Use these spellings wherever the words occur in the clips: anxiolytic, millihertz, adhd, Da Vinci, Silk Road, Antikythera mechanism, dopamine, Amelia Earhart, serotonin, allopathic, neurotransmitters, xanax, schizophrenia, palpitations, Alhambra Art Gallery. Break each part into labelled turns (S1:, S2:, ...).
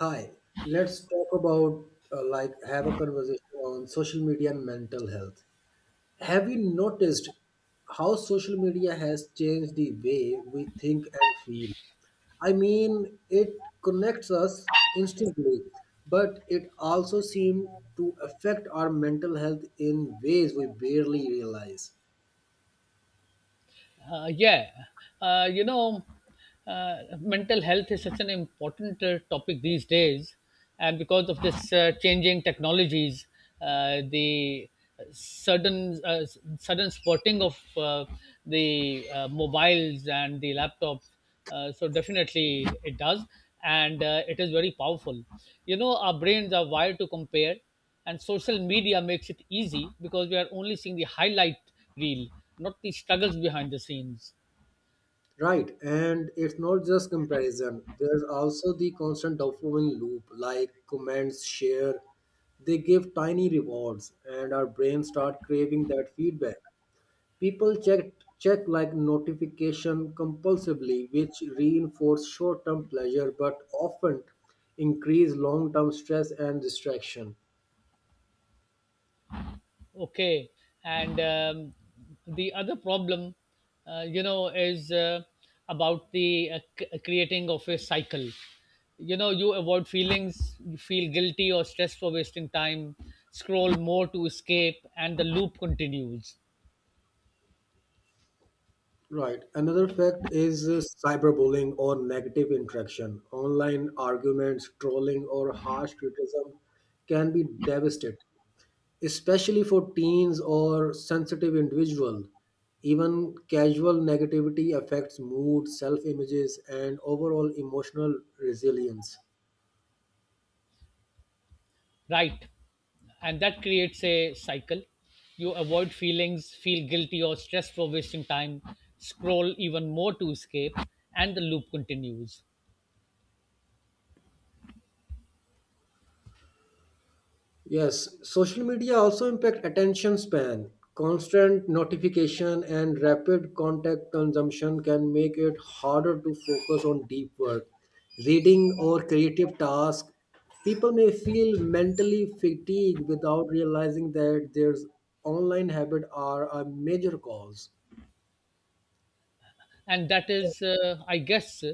S1: Hi, let's talk about like have a conversation on social media and mental health. Have you noticed how social media has changed the way we think and feel? I mean, it connects us instantly, but it also seems to affect our mental health in ways we barely realize.
S2: Yeah, uh, you know, mental health is such an important topic these days, and because of this changing technologies, the sudden uh, sudden spotting of the mobiles and the laptops. So definitely it does, and it is very powerful. You know, our brains are wired to compare, and social media makes it easy because we are only seeing the highlight reel, not the struggles behind the scenes.
S1: Right, and it's not just comparison. There's also the constant dopamine loop, like comments, share. They give tiny rewards, and our brains start craving that feedback. People check like notification compulsively, which reinforce short-term pleasure but often increase long-term stress and distraction.
S2: Okay. And the other problem, is about the creating of a cycle. You know, you avoid feelings, you feel guilty or stressed for wasting time, scroll more to escape, and the loop continues.
S1: Right. Another fact is cyberbullying or negative interaction. Online arguments, trolling, or harsh criticism can be devastating, especially for teens or sensitive individuals. Even casual negativity affects mood, self images, and overall emotional resilience.
S2: Right. And that creates a cycle. You avoid feelings, feel guilty or stressed for wasting time, scroll even more to escape, and the loop continues.
S1: Yes, social media also impact attention span. Constant notification and rapid contact consumption can make it harder to focus on deep work, reading or creative tasks. People may feel mentally fatigued without realizing that their online habits are a major cause.
S2: And that is, i guess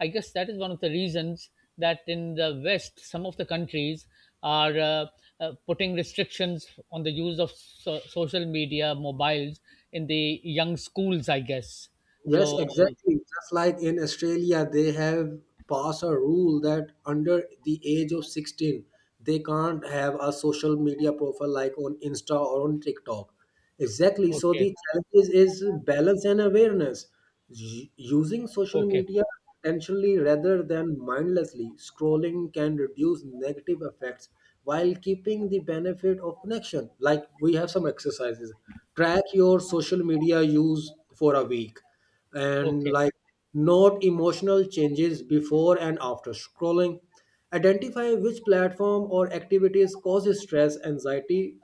S2: i guess that is one of the reasons that in the West some of the countries are putting restrictions on the use of social media mobiles in the young schools, I guess.
S1: Yes,
S2: So.
S1: exactly. Just like in Australia, they have passed a rule that under the age of 16, they can't have a social media profile like on Insta or on TikTok. Exactly. So
S2: Okay.
S1: the challenge is balance and awareness. Using social
S2: Okay. Okay.
S1: media intentionally rather than mindlessly, scrolling can reduce negative effects while keeping the benefit of connection. Like we have some exercises. Track your social media use for a week, and
S2: Okay.
S1: note emotional changes before and after scrolling, identify which platform or activities cause stress, anxiety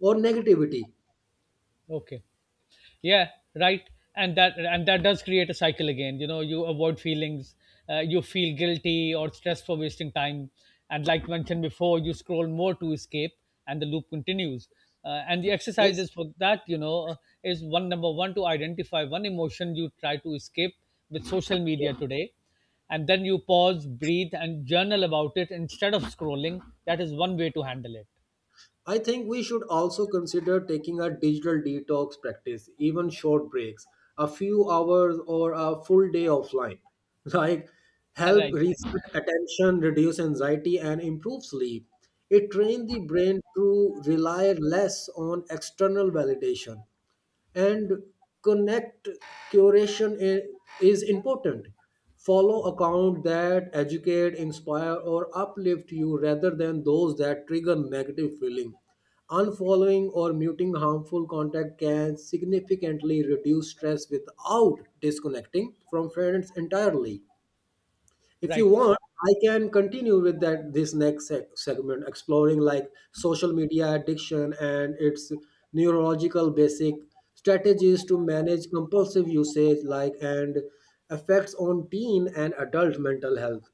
S1: or negativity.
S2: Okay. Yeah, right. And that does create a cycle again. You know, you avoid feelings, you feel guilty or stressed for wasting time, and like mentioned before, you scroll more to escape, and the loop continues. And the
S1: Yes,
S2: exercises for that, is one, number one, to identify one emotion you try to escape with social media today, and then you pause, breathe, and journal about it instead of scrolling. That is one way to handle it.
S1: I think we should also consider taking a digital detox practice. Even short breaks, a few hours or a full day offline, like help
S2: Right, right.
S1: reset attention, reduce anxiety and improve sleep. It trains the brain to rely less on external validation, and connect. Curation is important. Follow account that educate, inspire or uplift you rather than those that trigger negative feeling. Unfollowing or muting harmful contact can significantly reduce stress without disconnecting from friends entirely. If you
S2: Right.
S1: want, I can continue with that this next segment, exploring like social media addiction and its neurological basic, strategies to manage compulsive usage, like, and effects on teen and adult mental health.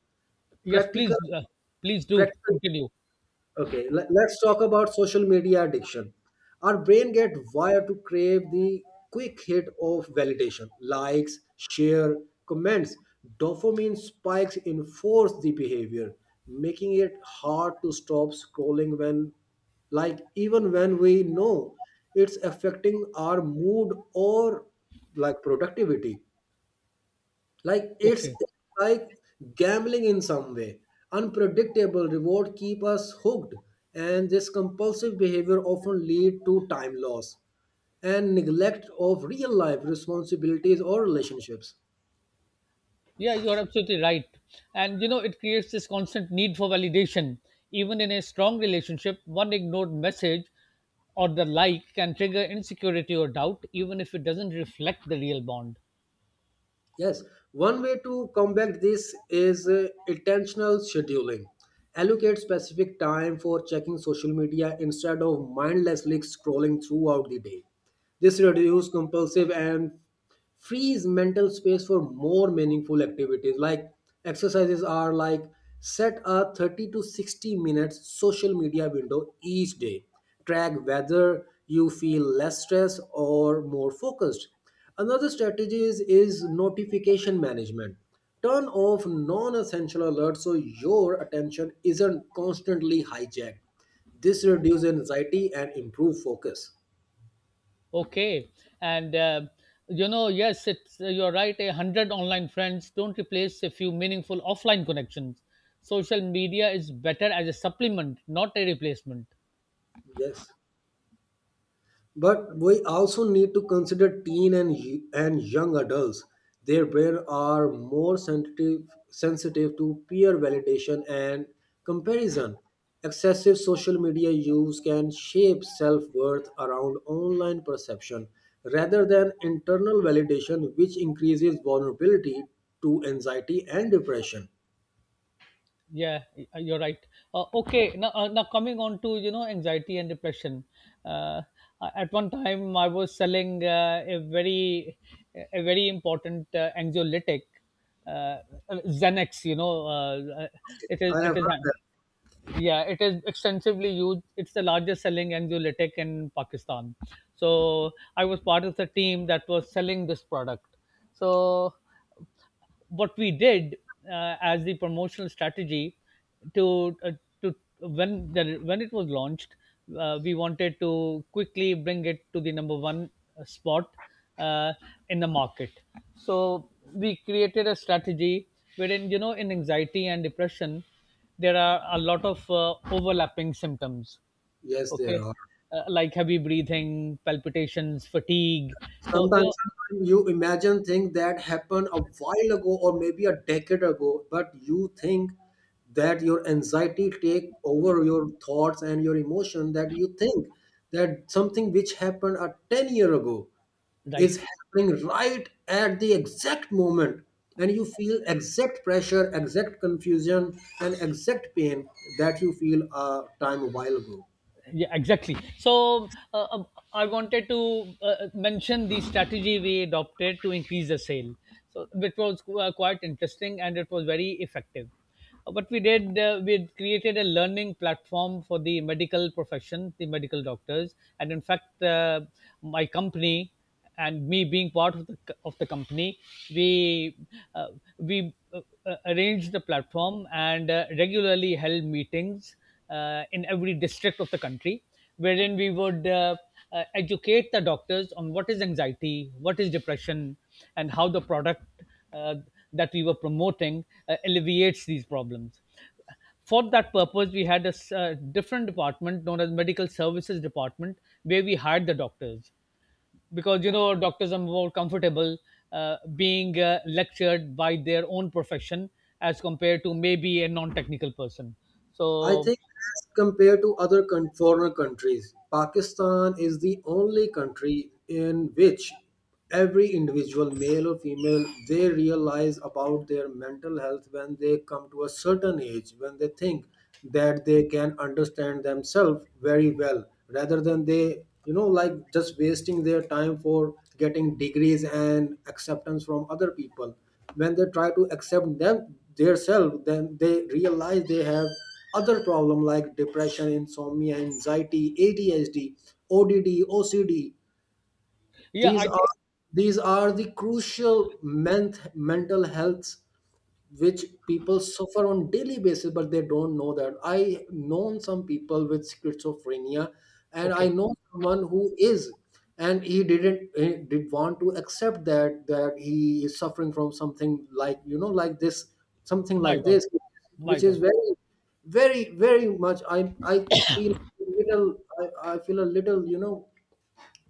S2: Yes,
S1: Practical
S2: please, please do
S1: practical.
S2: continue.
S1: Okay, let's talk about social media addiction. Our brain get wired to crave the quick hit of validation, likes, share, comments. Dopamine spikes enforce the behavior, making it hard to stop scrolling when, like, even when we know it's affecting our mood or like productivity. Like it's
S2: Okay.
S1: like gambling in some way. Unpredictable reward keep us hooked, and this compulsive behavior often lead to time loss and neglect of real life responsibilities or relationships.
S2: Yeah, you're absolutely right. And you know, it creates this constant need for validation. Even in a strong relationship, one ignored message or the like can trigger insecurity or doubt, even if it doesn't reflect the real bond.
S1: Yes, one way to combat this is intentional scheduling. Allocate specific time for checking social media instead of mindlessly scrolling throughout the day. This reduces compulsive and frees mental space for more meaningful activities. Like exercises are like set a 30 to 60 minutes social media window each day. Track whether you feel less stressed or more focused. Another strategy is notification management. Turn off non essential alerts so your attention isn't constantly hijacked. This reduces anxiety and improves focus.
S2: Okay. And uh, yes, it's you're right. 100 online friends don't replace a few meaningful offline connections. Social media is better as a supplement, not a replacement.
S1: Yes. But we also need to consider teen and, and young adults. Their brain are more sensitive to peer validation and comparison. Excessive social media use can shape self worth around online perception rather than internal validation, which increases vulnerability to anxiety and depression.
S2: Yeah, you're right. Okay now, now coming on to, anxiety and depression. uh, at one time I was selling a very important anxiolytic, uh, Xanax, you know. It is
S1: I have
S2: it
S1: heard
S2: is
S1: that.
S2: Yeah, it is extensively used. It's the largest selling anxiolytic in Pakistan. So I was part of the team that was selling this product. So what we did, as the promotional strategy, to uh, to when when it was launched, we wanted to quickly bring it to the number one spot uh, in the market. So we created a strategy wherein, you know, in anxiety and depression there are a lot of overlapping symptoms.
S1: Yes, there
S2: Okay.
S1: are.
S2: Like heavy breathing, palpitations, fatigue. So you know.
S1: Sometimes you imagine things that happened a while ago or maybe a decade ago, but you think that your anxiety take over your thoughts and your emotion, that you think that something which happened a 10 year ago is
S2: Right.
S1: happening right at the exact moment, and you feel exact pressure, exact confusion and exact pain that you feel a time a while ago.
S2: Yeah, exactly. So uh, um, I wanted to mention the strategy we adopted to increase the sale. So it was quite interesting, and it was very effective. What we did, we had created a learning platform for the medical profession, the medical doctors. And in fact, my company, and me being part of the of the company, we uh, we uh, arranged the platform and regularly held meetings in every district of the country, wherein we would educate the doctors on what is anxiety, what is depression, and how the product uh, that we were promoting alleviates these problems. For that purpose, we had a different department known as medical services department, where we hired the doctors because, you know, doctors are more comfortable being lectured by their own profession as compared to maybe a non-technical person.
S1: I
S2: So.
S1: think as compared to other foreign countries, Pakistan is the only country in which every individual, male or female, they realize about their mental health when they come to a certain age, when they think that they can understand themselves very well, rather than they, you know, like just wasting their time for getting degrees and acceptance from other people. When they try to accept them themselves, then they realize they have other problem like depression, insomnia, anxiety, adhd, ODD, OCD.
S2: Yeah,
S1: these
S2: I think.
S1: are these are the crucial mental health which people suffer on daily basis, but they don't know that. I known some people with schizophrenia, and I
S2: Okay.
S1: know someone who is, and he didn't, he did want to accept that, that he is suffering from something like, you know, like this, something
S2: My
S1: like
S2: God,
S1: this,
S2: my
S1: which is
S2: God.
S1: very, very very much. I feel little I feel a little, you know,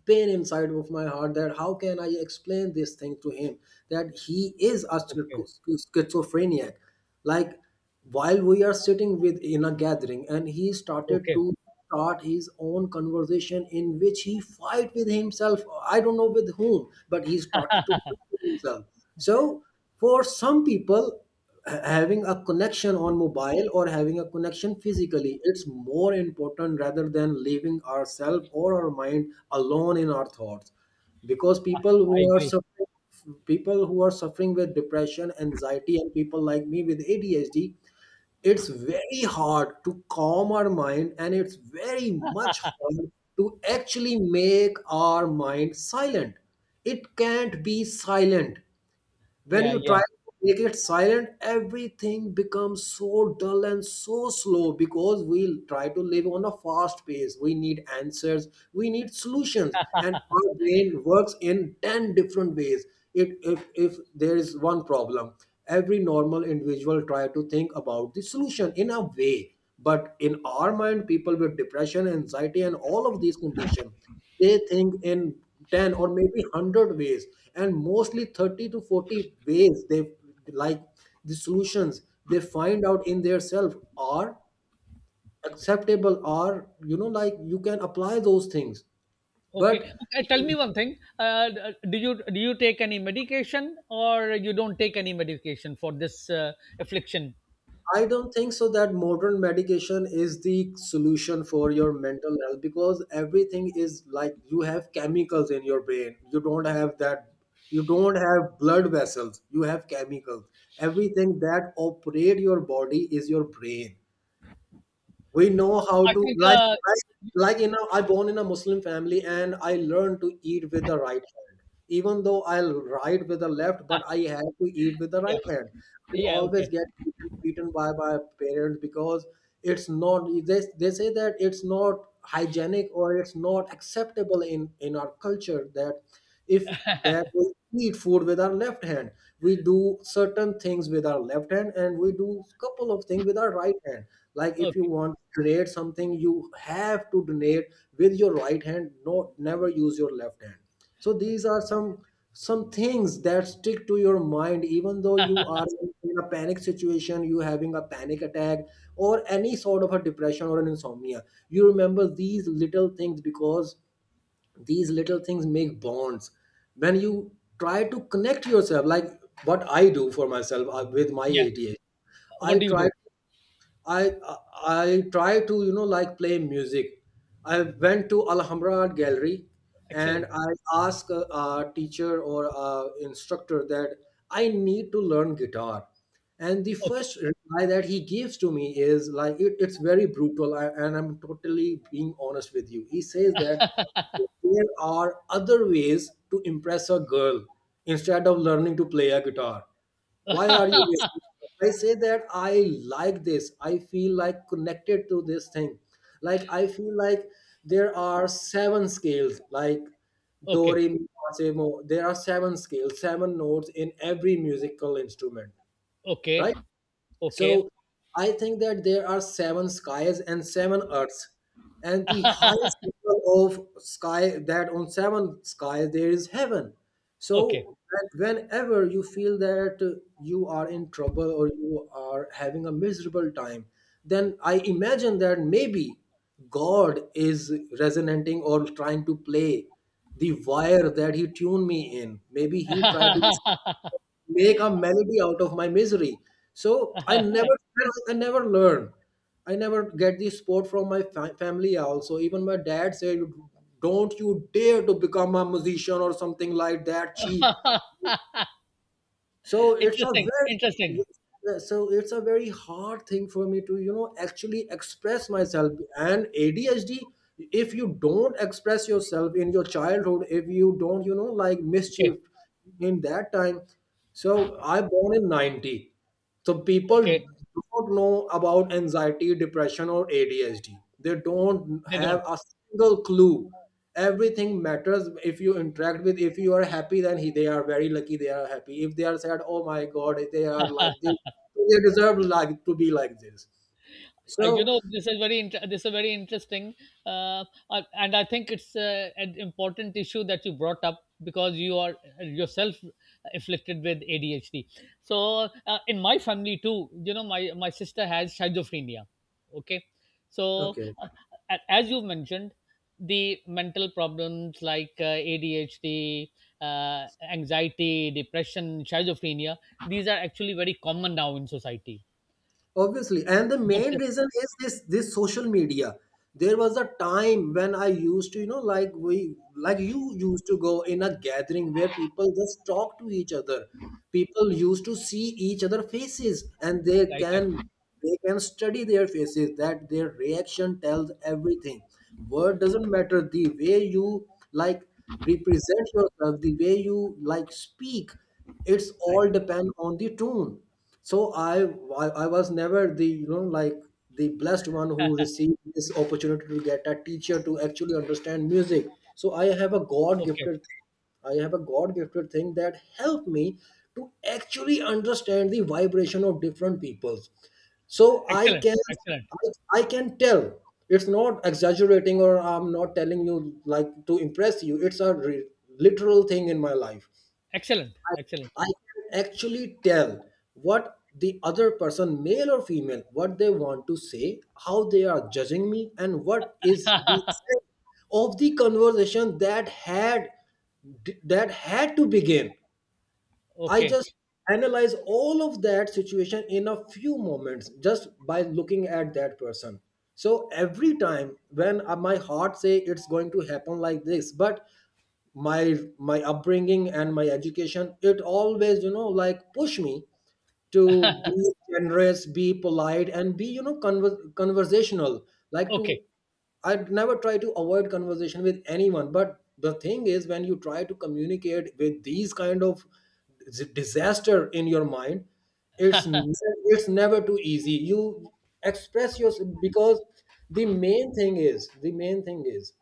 S1: pain inside of my heart that how can I explain this thing to him that he is a
S2: Okay,
S1: schizophrenic. Like, while we are sitting with in a gathering and he started
S2: okay.
S1: to start his own conversation in which he fight with himself. I don't know with whom, but he started to themselves. So for some people, having a connection on mobile or having a connection physically, it's more important rather than leaving ourselves or our mind alone in our thoughts. Because people
S2: I
S1: who are
S2: agree.
S1: suffering, people who are suffering with depression, anxiety, and people like me with ADHD, it's very hard to calm our mind, and it's very much hard to actually make our mind silent. It can't be silent. When
S2: Yeah,
S1: you try
S2: yeah.
S1: to make it silent, everything becomes so dull and so slow because we try to live on a fast pace. We need answers, we need solutions, and our brain works in 10 different ways. If there is one problem, every normal individual try to think about the solution in a way. But in our mind, people with depression, anxiety, and all of these conditions, they think in 10 or maybe 100 ways, and mostly 30 to 40 ways they, like, the solutions they find out in their self are acceptable, are, you know, like you can apply those things.
S2: Okay.
S1: But
S2: Tell me one thing. Do you take any medication, or you don't take any medication for this affliction?
S1: I don't think so that modern medication is the solution for your mental health, because everything is like you have chemicals in your brain. You don't have that, you don't have blood vessels, you have chemicals. Everything that operate your body is your brain. We know how
S2: I
S1: to
S2: think.
S1: like, like you know, I born in a muslim family and I learned to eat with the right hand, even though I'll write with the left, but I have to eat with the
S2: Yeah.
S1: right hand. I
S2: Yeah.
S1: always
S2: Okay.
S1: get beaten by my parents because it's not, they say that it's not hygienic or it's not acceptable in our culture that if, that we eat food with our left hand. We do certain things with our left hand and we do couple of things with our right hand. Like if you
S2: Okay.
S1: want to donate something, you have to donate with your right hand. No, never use your left hand. So these are some things that stick to your mind even though you are in a panic situation, you having a panic attack or any sort of a depression or an insomnia. You remember these little things because these little things make bonds when you try to connect yourself, like what I do for myself, with my
S2: Yeah.
S1: adh, I
S2: What do you
S1: try to.
S2: do?
S1: I I try to, you know, like play music. I went to Alhambra Art Gallery and
S2: Excellent.
S1: I asked a teacher or a instructor that I need to learn guitar. And the
S2: Okay.
S1: first reply that he gives to me is like, it's very brutal. I, and I'm totally being honest with you. He says that there are other ways to impress a girl instead of learning to play a guitar. Why are you wasting? I say that I, like this, I feel like connected to this thing. Like I feel like there are seven scales, like do
S2: Okay.
S1: re mi fa, sol, mo. There are seven scales, seven notes in every musical instrument,
S2: Okay.
S1: right?
S2: Okay.
S1: So I think that there are seven skies and seven earths. And the highest level of sky, that on seven skies there is heaven.
S2: Okay.
S1: So whenever you feel that you are in trouble or you are having a miserable time, then I imagine that maybe God is resonating or trying to play the wire that he tuned me in. Maybe he tried to make a melody out of my misery. So I never learn. I never get the support from my family. Also, even my dad said, "Don't you dare to become a musician or something like that cheap." so it's a
S2: Interesting. Interesting.
S1: very so it's a very hard thing for me to actually express myself and ADHD. If you don't express yourself in your childhood, if you don't, like
S2: Okay.
S1: mischief in that time. So I born in 90, so people
S2: Okay.
S1: don't know about anxiety, depression, or ADHD. They don't
S2: They
S1: have
S2: don't.
S1: a single clue. Everything matters if you interact with. If you are happy, then they are very lucky. They are happy. If they are sad, oh my god, they are like this. They deserve like to be like this. So.
S2: This is this is very interesting. uh, and I think it's an important issue that you brought up because you are yourself afflicted with ADHD. So, in my family too, you know, my sister has schizophrenia. Okay. so
S1: Okay.
S2: uh, a- as you mentioned, the mental problems like ADHD, uh, anxiety, depression, schizophrenia — these are actually very common now in society.
S1: Obviously. And the
S2: But.
S1: main reason is this social media. There was a time when I used to, you know like we like you used to go in a gathering where people just talk to each other. People used to see each other faces, and they
S2: Right,
S1: can
S2: right,
S1: they can study their faces, that their reaction tells everything. Word doesn't matter. The way you like represent yourself, the way you like speak, it's all
S2: right.
S1: depend on the tune. So I was never the, the blessed one who received this opportunity to get a teacher to actually understand music. So I have a god
S2: Okay.
S1: gifted thing, I have a god gifted thing that helped me to actually understand the vibration of different peoples. So i
S2: Excellent.
S1: can
S2: Excellent.
S1: I, I can tell, it's not exaggerating or I'm not telling you like to impress you, it's a literal thing in my life.
S2: Excellent. Excellent.
S1: I can actually tell what the other person, male or female, what they want to say, how they are judging me, and what is the extent of the conversation that had, that had to begin. I
S2: Okay.
S1: just analyze all of that situation in a few moments just by looking at that person. So every time when my heart say it's going to happen like this, but my upbringing and my education, it always push me to be generous, be polite, and be, conversational. Like to
S2: Okay.
S1: I never try to avoid conversation with anyone, but the thing is when you try to communicate with these kind of disaster in your mind, it's ne- it's never too easy you express yourself, because the main thing is,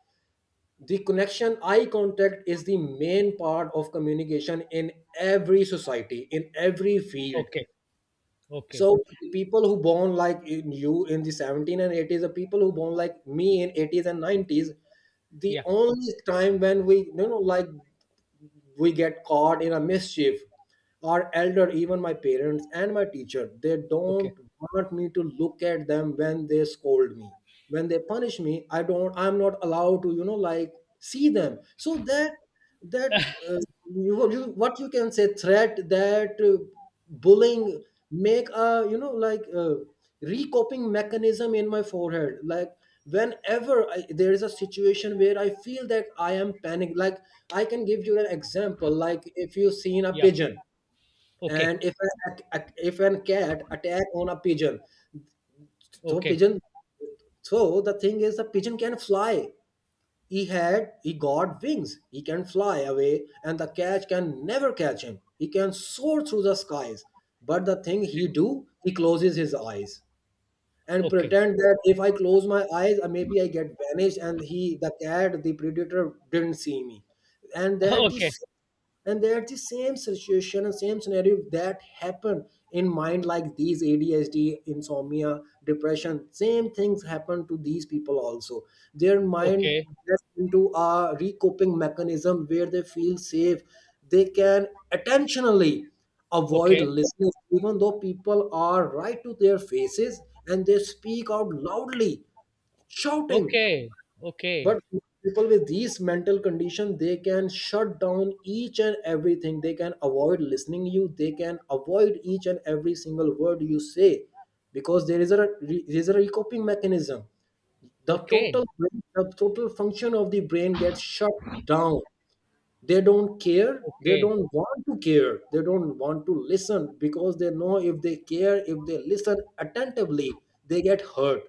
S1: the connection eye contact is the main part of communication in every society, in every field.
S2: Okay.
S1: So
S2: Okay.
S1: the people who born like in the 17 and 80s, the people who born like me in 80s and 90s, the
S2: Yeah.
S1: only time when we you know like we get caught in a mischief, our elder, even my parents and my teacher, they
S2: Okay.
S1: don't want me to look at them when they scold me. When they punish me, I don't, I'm not allowed to, see them. So that, that, uh, what you can say, threat, that bullying, make a, recoping mechanism in my forehead. Like whenever there is a situation where I feel that I am panicked, like I can give you an example. Like if you've seen a
S2: Yeah.
S1: pigeon,
S2: Okay.
S1: and if an cat attack on a pigeon, so
S2: Okay.
S1: pigeon so the thing is the pigeon can fly. He got wings, he can fly away, and the cat can never catch him, he can soar through the skies. But the thing he do, he closes his eyes and
S2: Okay.
S1: pretend that, "If I close my eyes, maybe I get vanished, and the cat, the predator, didn't see me." And that is, and that the same situation and same scenario that happen in mind, like these ADHD, insomnia, depression. Same things happen to these people also. Their mind
S2: Okay.
S1: gets into a recoping mechanism where they feel safe. They can attentionally avoid
S2: Okay. Okay.
S1: listening, even though people are right to their faces and they speak out loudly, shouting.
S2: Okay.
S1: But
S2: Okay.
S1: people with these mental condition, they can shut down each and everything, they can avoid listening you, they can avoid each and every single word you say. Because there is a coping mechanism, the
S2: Okay. Okay.
S1: total brain, the total function of the brain gets shut down. They don't care, they
S2: Okay.
S1: don't want to care, they don't want to listen, because they know if they care, if they listen attentively, they get hurt.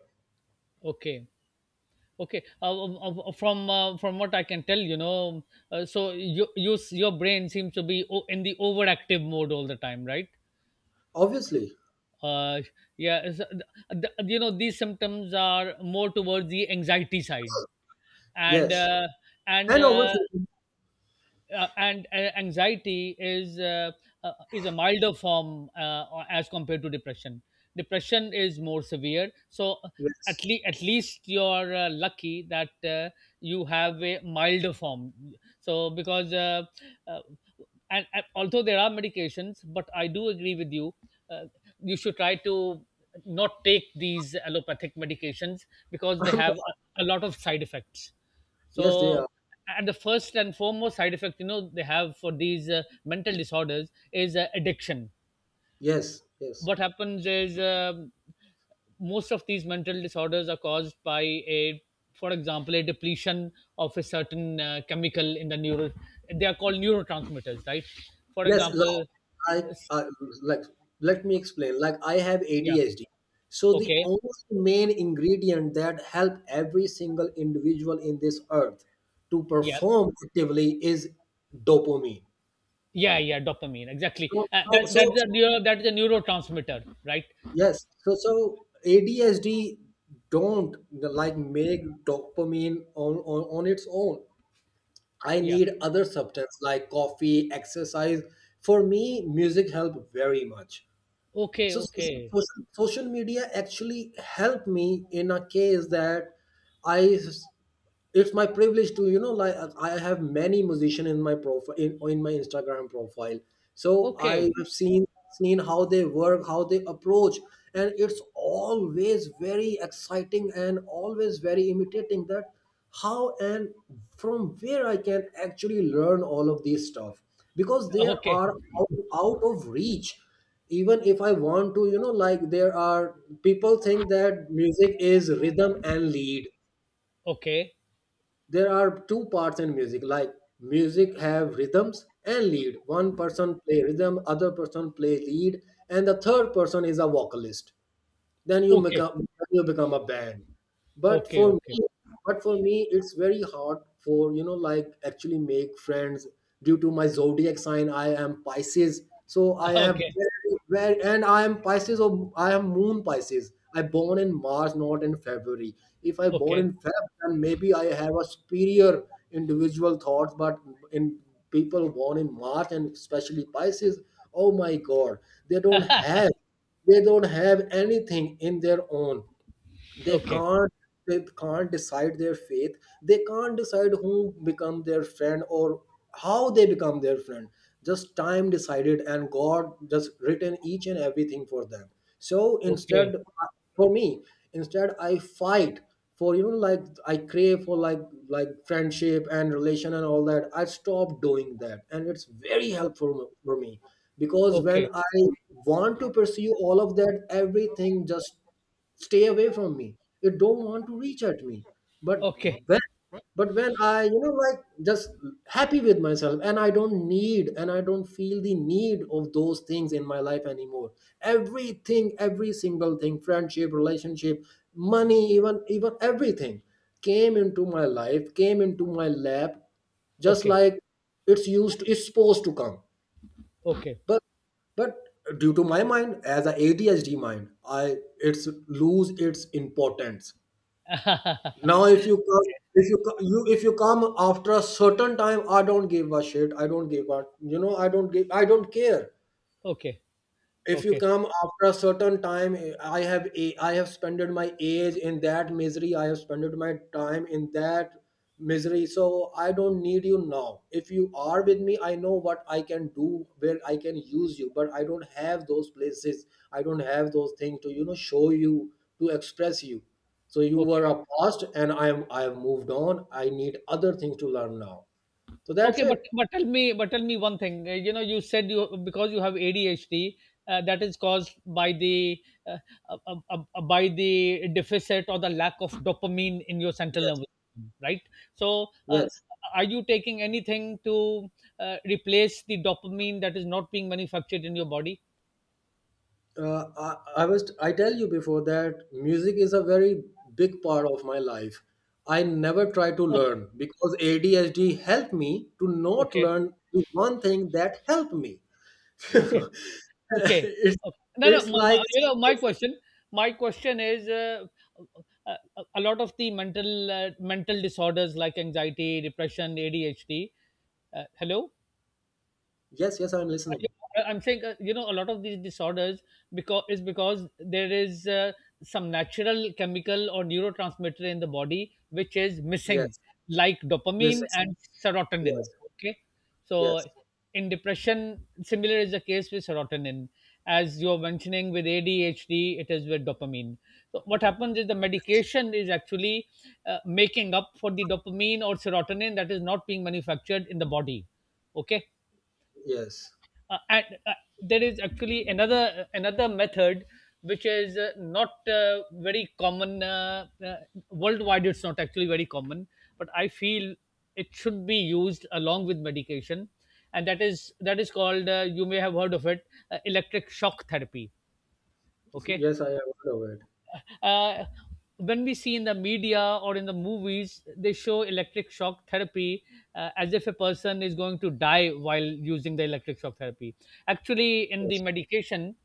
S2: Okay. From what I can tell, you know, so you, your brain seems to be in the overactive mode all the time, right?
S1: Obviously.
S2: Uh, yeah, you know, these symptoms are more towards the anxiety side, and
S1: Yes.
S2: uh, and
S1: And
S2: uh,
S1: overthinking.
S2: and anxiety is a milder form, as compared to depression. Depression is more severe. So
S1: Yes,
S2: at least you're lucky that you have a milder form. So because uh, and although there are medications, but I do agree with you, uh, you should try to not take these allopathic medications because they have a lot of side effects.
S1: yes, they
S2: So,
S1: are.
S2: and the first and foremost side effect, you know, they have for these mental disorders is addiction.
S1: Yes, yes,
S2: What happens is, most of these mental disorders are caused by a, for example, a depletion of a certain chemical in the neuro. They are called neurotransmitters, right? For
S1: yes,
S2: example,
S1: like,
S2: s-
S1: uh, like let me explain, like I have
S2: yeah,
S1: ADHD. So the
S2: okay,
S1: only main ingredient that help every single individual in this earth to
S2: yeah,
S1: perform actively is dopamine.
S2: yeah, yeah, dopamine, exactly.
S1: so,
S2: Uh, that
S1: so,
S2: that's
S1: so
S2: a neuro, that is a neurotransmitter, right?
S1: yes. So ADSD don't like make dopamine on its own. I
S2: Yeah.
S1: need other substance like coffee, exercise. For me, music help very much.
S2: Okay.
S1: So
S2: Okay.
S1: social media actually helped me in a case that I, it's my privilege to, I have many musician in my profile, in my Instagram profile. So I
S2: Okay.
S1: have seen how they work, how they approach, and it's always very exciting and always very imitating that how and from where I can actually learn all of these stuff, because they are
S2: Okay.
S1: out, out of reach. Even if I want to, there are, people think that music is rhythm and lead.
S2: Okay.
S1: There are two parts in music. Like music have rhythms and lead. One person play rhythm, other person play lead, and the third person is a vocalist. then you
S2: Okay.
S1: become then you become a band. but
S2: Okay.
S1: for
S2: Okay.
S1: me but for me it's very hard for, actually make friends, due to my zodiac sign. I am Pisces. So I have
S2: Okay.
S1: very, very, and I am Pisces, or I am moon Pisces, I born in March, not in February. If I born
S2: Okay.
S1: in feb, then maybe I have a superior individual thoughts. But in people born in March, and especially Pisces, oh my god, they don't have, they don't have anything in their own. They
S2: Okay.
S1: can't, they can't decide their faith, they can't decide who become their friend, or how they become their friend. Just time decided, and God just written each and everything for them. So instead
S2: Okay.
S1: For me, instead, I fight for, I crave for like friendship and relation and all that. I stop doing that, and it's very helpful for me. Because when
S2: Okay.
S1: I want to pursue all of that, everything just stay away from me, it don't want to reach at me. but
S2: Okay.
S1: when but when i just happy with myself, and I don't need, and I don't feel the need of those things in my life anymore, everything, every single thing, friendship, relationship, money, even everything came into my life, came into my lap, just
S2: Okay.
S1: like, it's supposed to come.
S2: Okay.
S1: But but due to my mind as a ADHD mind, I, it's lose its importance. Now if you come, if you, co- you if you come after a certain time, I don't give a shit, I don't give a, I don't give, I don't care.
S2: Okay.
S1: If you
S2: Okay.
S1: come after a certain time, I have spent my age in that misery, I have spent my time in that misery, so I don't need you now. If you are with me, I know what I can do, where I can use you, but I don't have those places, I don't have those things to, show you, to express you. So you were
S2: Okay.
S1: a past, and I have moved on, I need other things to learn now. So that's
S2: Okay, but
S1: it.
S2: but tell me, but tell me one thing. You know, you said you because you have ADHD, that is caused uh, by the deficit or the lack of dopamine in your central
S1: Yes.
S2: nervous system, right? So,
S1: Yes.
S2: are you taking anything to replace the dopamine that is not being manufactured in your body?
S1: I tell you before that music is a very big part of my life. I never try to
S2: Okay,
S1: learn because ADHD helped me to not
S2: okay,
S1: learn the one thing that helped me.
S2: okay. Okay.
S1: it's
S2: Okay. No, no.
S1: it's
S2: My,
S1: like.
S2: my, you know, my question is, a lot of the mental, disorders like anxiety, depression, ADHD. Hello.
S1: Yes, yes, I'm listening.
S2: I'm saying, you know, a lot of these disorders because there is some natural chemical or neurotransmitter in the body which is missing,
S1: Yes,
S2: like
S1: miss.
S2: dopamine and
S1: Yes,
S2: serotonin. Okay, so
S1: yes,
S2: in depression, similar is the case with serotonin. As you are mentioning with ADHD, it is with dopamine. So what happens is the
S1: yes,
S2: medication is actually making up for the dopamine or serotonin that is not being manufactured in the body. Okay,
S1: yes.
S2: uh, and, uh, there is actually another method which is not very common worldwide. It's not actually very common, but I feel it should be used along with medication. And that is called, you may have heard of it, electric shock therapy. Okay.
S1: Yes, I am aware of it.
S2: Uh, when we see in the media or in the movies, they show electric shock therapy as if a person is going to die while using the electric shock therapy. Actually, in the
S1: Yes,
S2: medication,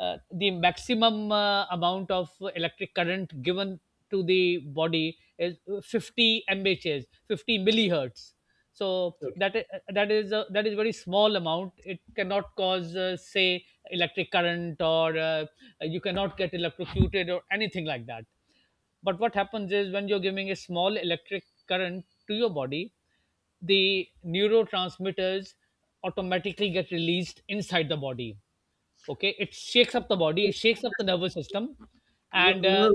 S2: the maximum amount of electric current given to the body is 50 mhs, 50 millihertz. So
S1: okay.
S2: that is a, that is very small amount. It cannot cause say electric current, or you cannot get electrocuted or anything like that. But what happens is, when you're giving a small electric current to your body, the neurotransmitters automatically get released inside the body. Okay, it shakes up the body, it shakes up the nervous system,
S1: No,
S2: and
S1: no, no.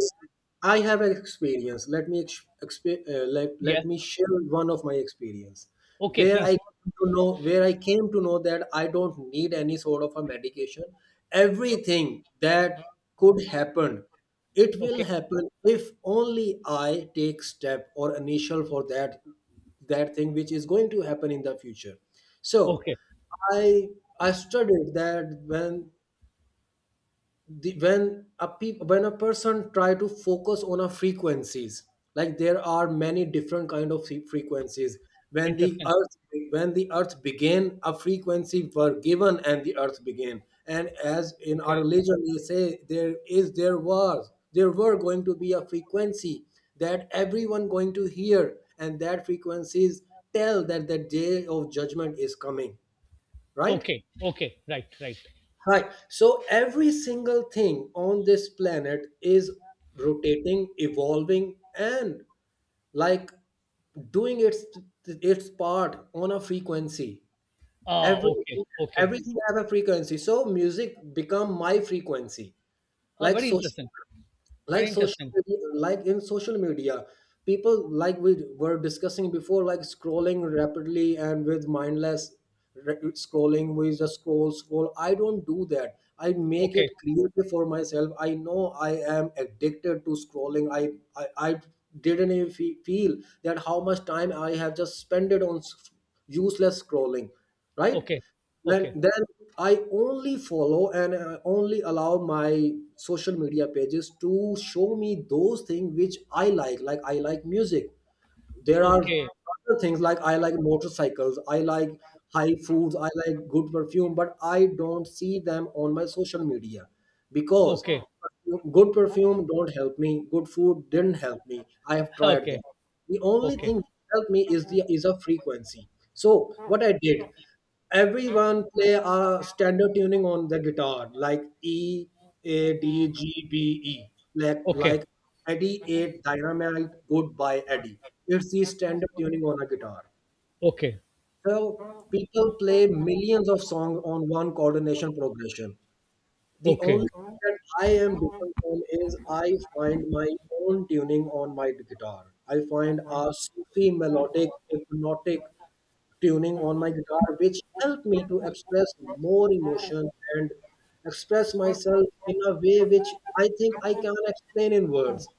S1: I have an experience. Let me let,
S2: yeah.
S1: let me share one of my experience
S2: Okay,
S1: where I
S2: please.
S1: came to know where I came to know that I don't need any sort of a medication. Everything that could happen, it will
S2: Okay.
S1: happen if only I take step or initial for that, that thing which is going to happen in the future. So
S2: Okay.
S1: I I studied that when the, when a peop, when a person try to focus on a frequencies. Like there are many different kind of frequencies. when the
S2: Interesting.
S1: earth when the earth began, a frequency were given, and the earth began. And as in our
S2: Okay.
S1: religion we say there is there was there were going to be a frequency that everyone going to hear, and that frequencies tell that the day of judgment is coming. Right.
S2: Okay. Okay. Right, right.
S1: Right. So every single thing on this planet is rotating, evolving, and like doing its part on a frequency.
S2: Ah, okay,
S1: Everything,
S2: okay.
S1: everything have a frequency. So music become my frequency.
S2: Ah,
S1: Like
S2: very
S1: social
S2: interesting.
S1: like
S2: Very
S1: social
S2: interesting.
S1: media, people like we were discussing before, like scrolling rapidly. And with mindless scrolling, we just scroll, I don't do that. I make
S2: Okay,
S1: it clear for myself, I know I am addicted to scrolling. I didn't even feel that how much time I have just spent it on useless scrolling. Right.
S2: okay,
S1: then
S2: okay,
S1: then I only follow, and I only allow my social media pages to show me those things which I like. Like I like music. There are
S2: okay,
S1: other things like, I like motorcycles, I like high foods, I like good perfume, but I don't see them on my social media. Because
S2: okay,
S1: good perfume don't help me, good food didn't help me, I have tried
S2: okay,
S1: them. The only
S2: okay,
S1: thing that helped me is the is a frequency. So what I did, everyone play a standard tuning on the guitar like EADGBE, Eddie 8 Dynamite Goodbye Eddie. It's the standard tuning on a guitar.
S2: okay,
S1: So people play millions of songs on one coordination progression. The
S2: okay,
S1: only thing that I am different from, is I find my own tuning on my guitar, I find a Sufi melodic hypnotic tuning on my guitar, which helped me to express more emotion and express myself
S2: okay.
S1: in a way which I think I can explain in words.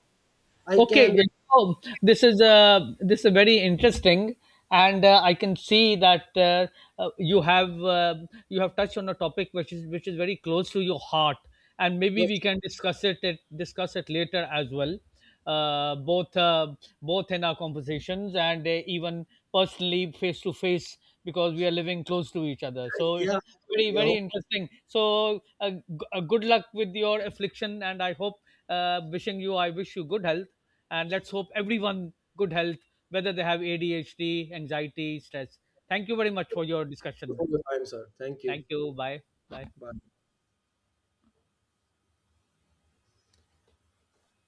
S1: I
S2: Okay,
S1: can.
S2: you know, this is very interesting, and I can see that uh, you have uh, you have touched on a topic which is very close to your heart, and maybe we
S1: Yes,
S2: can discuss it, discuss it later as well, uh, both uh, both in our conversations and even personally face to face, because we are living close to each other. So it's
S1: yeah,
S2: very,
S1: yeah.
S2: very interesting. So good luck with your affliction, and I hope, wishing you I wish you good health, and let's hope everyone good health, whether they have ADHD, anxiety, stress. Thank you very much for your discussion.
S1: Hope I'm sir. Thank you.
S2: Thank you. Bye. Bye.
S1: Bye.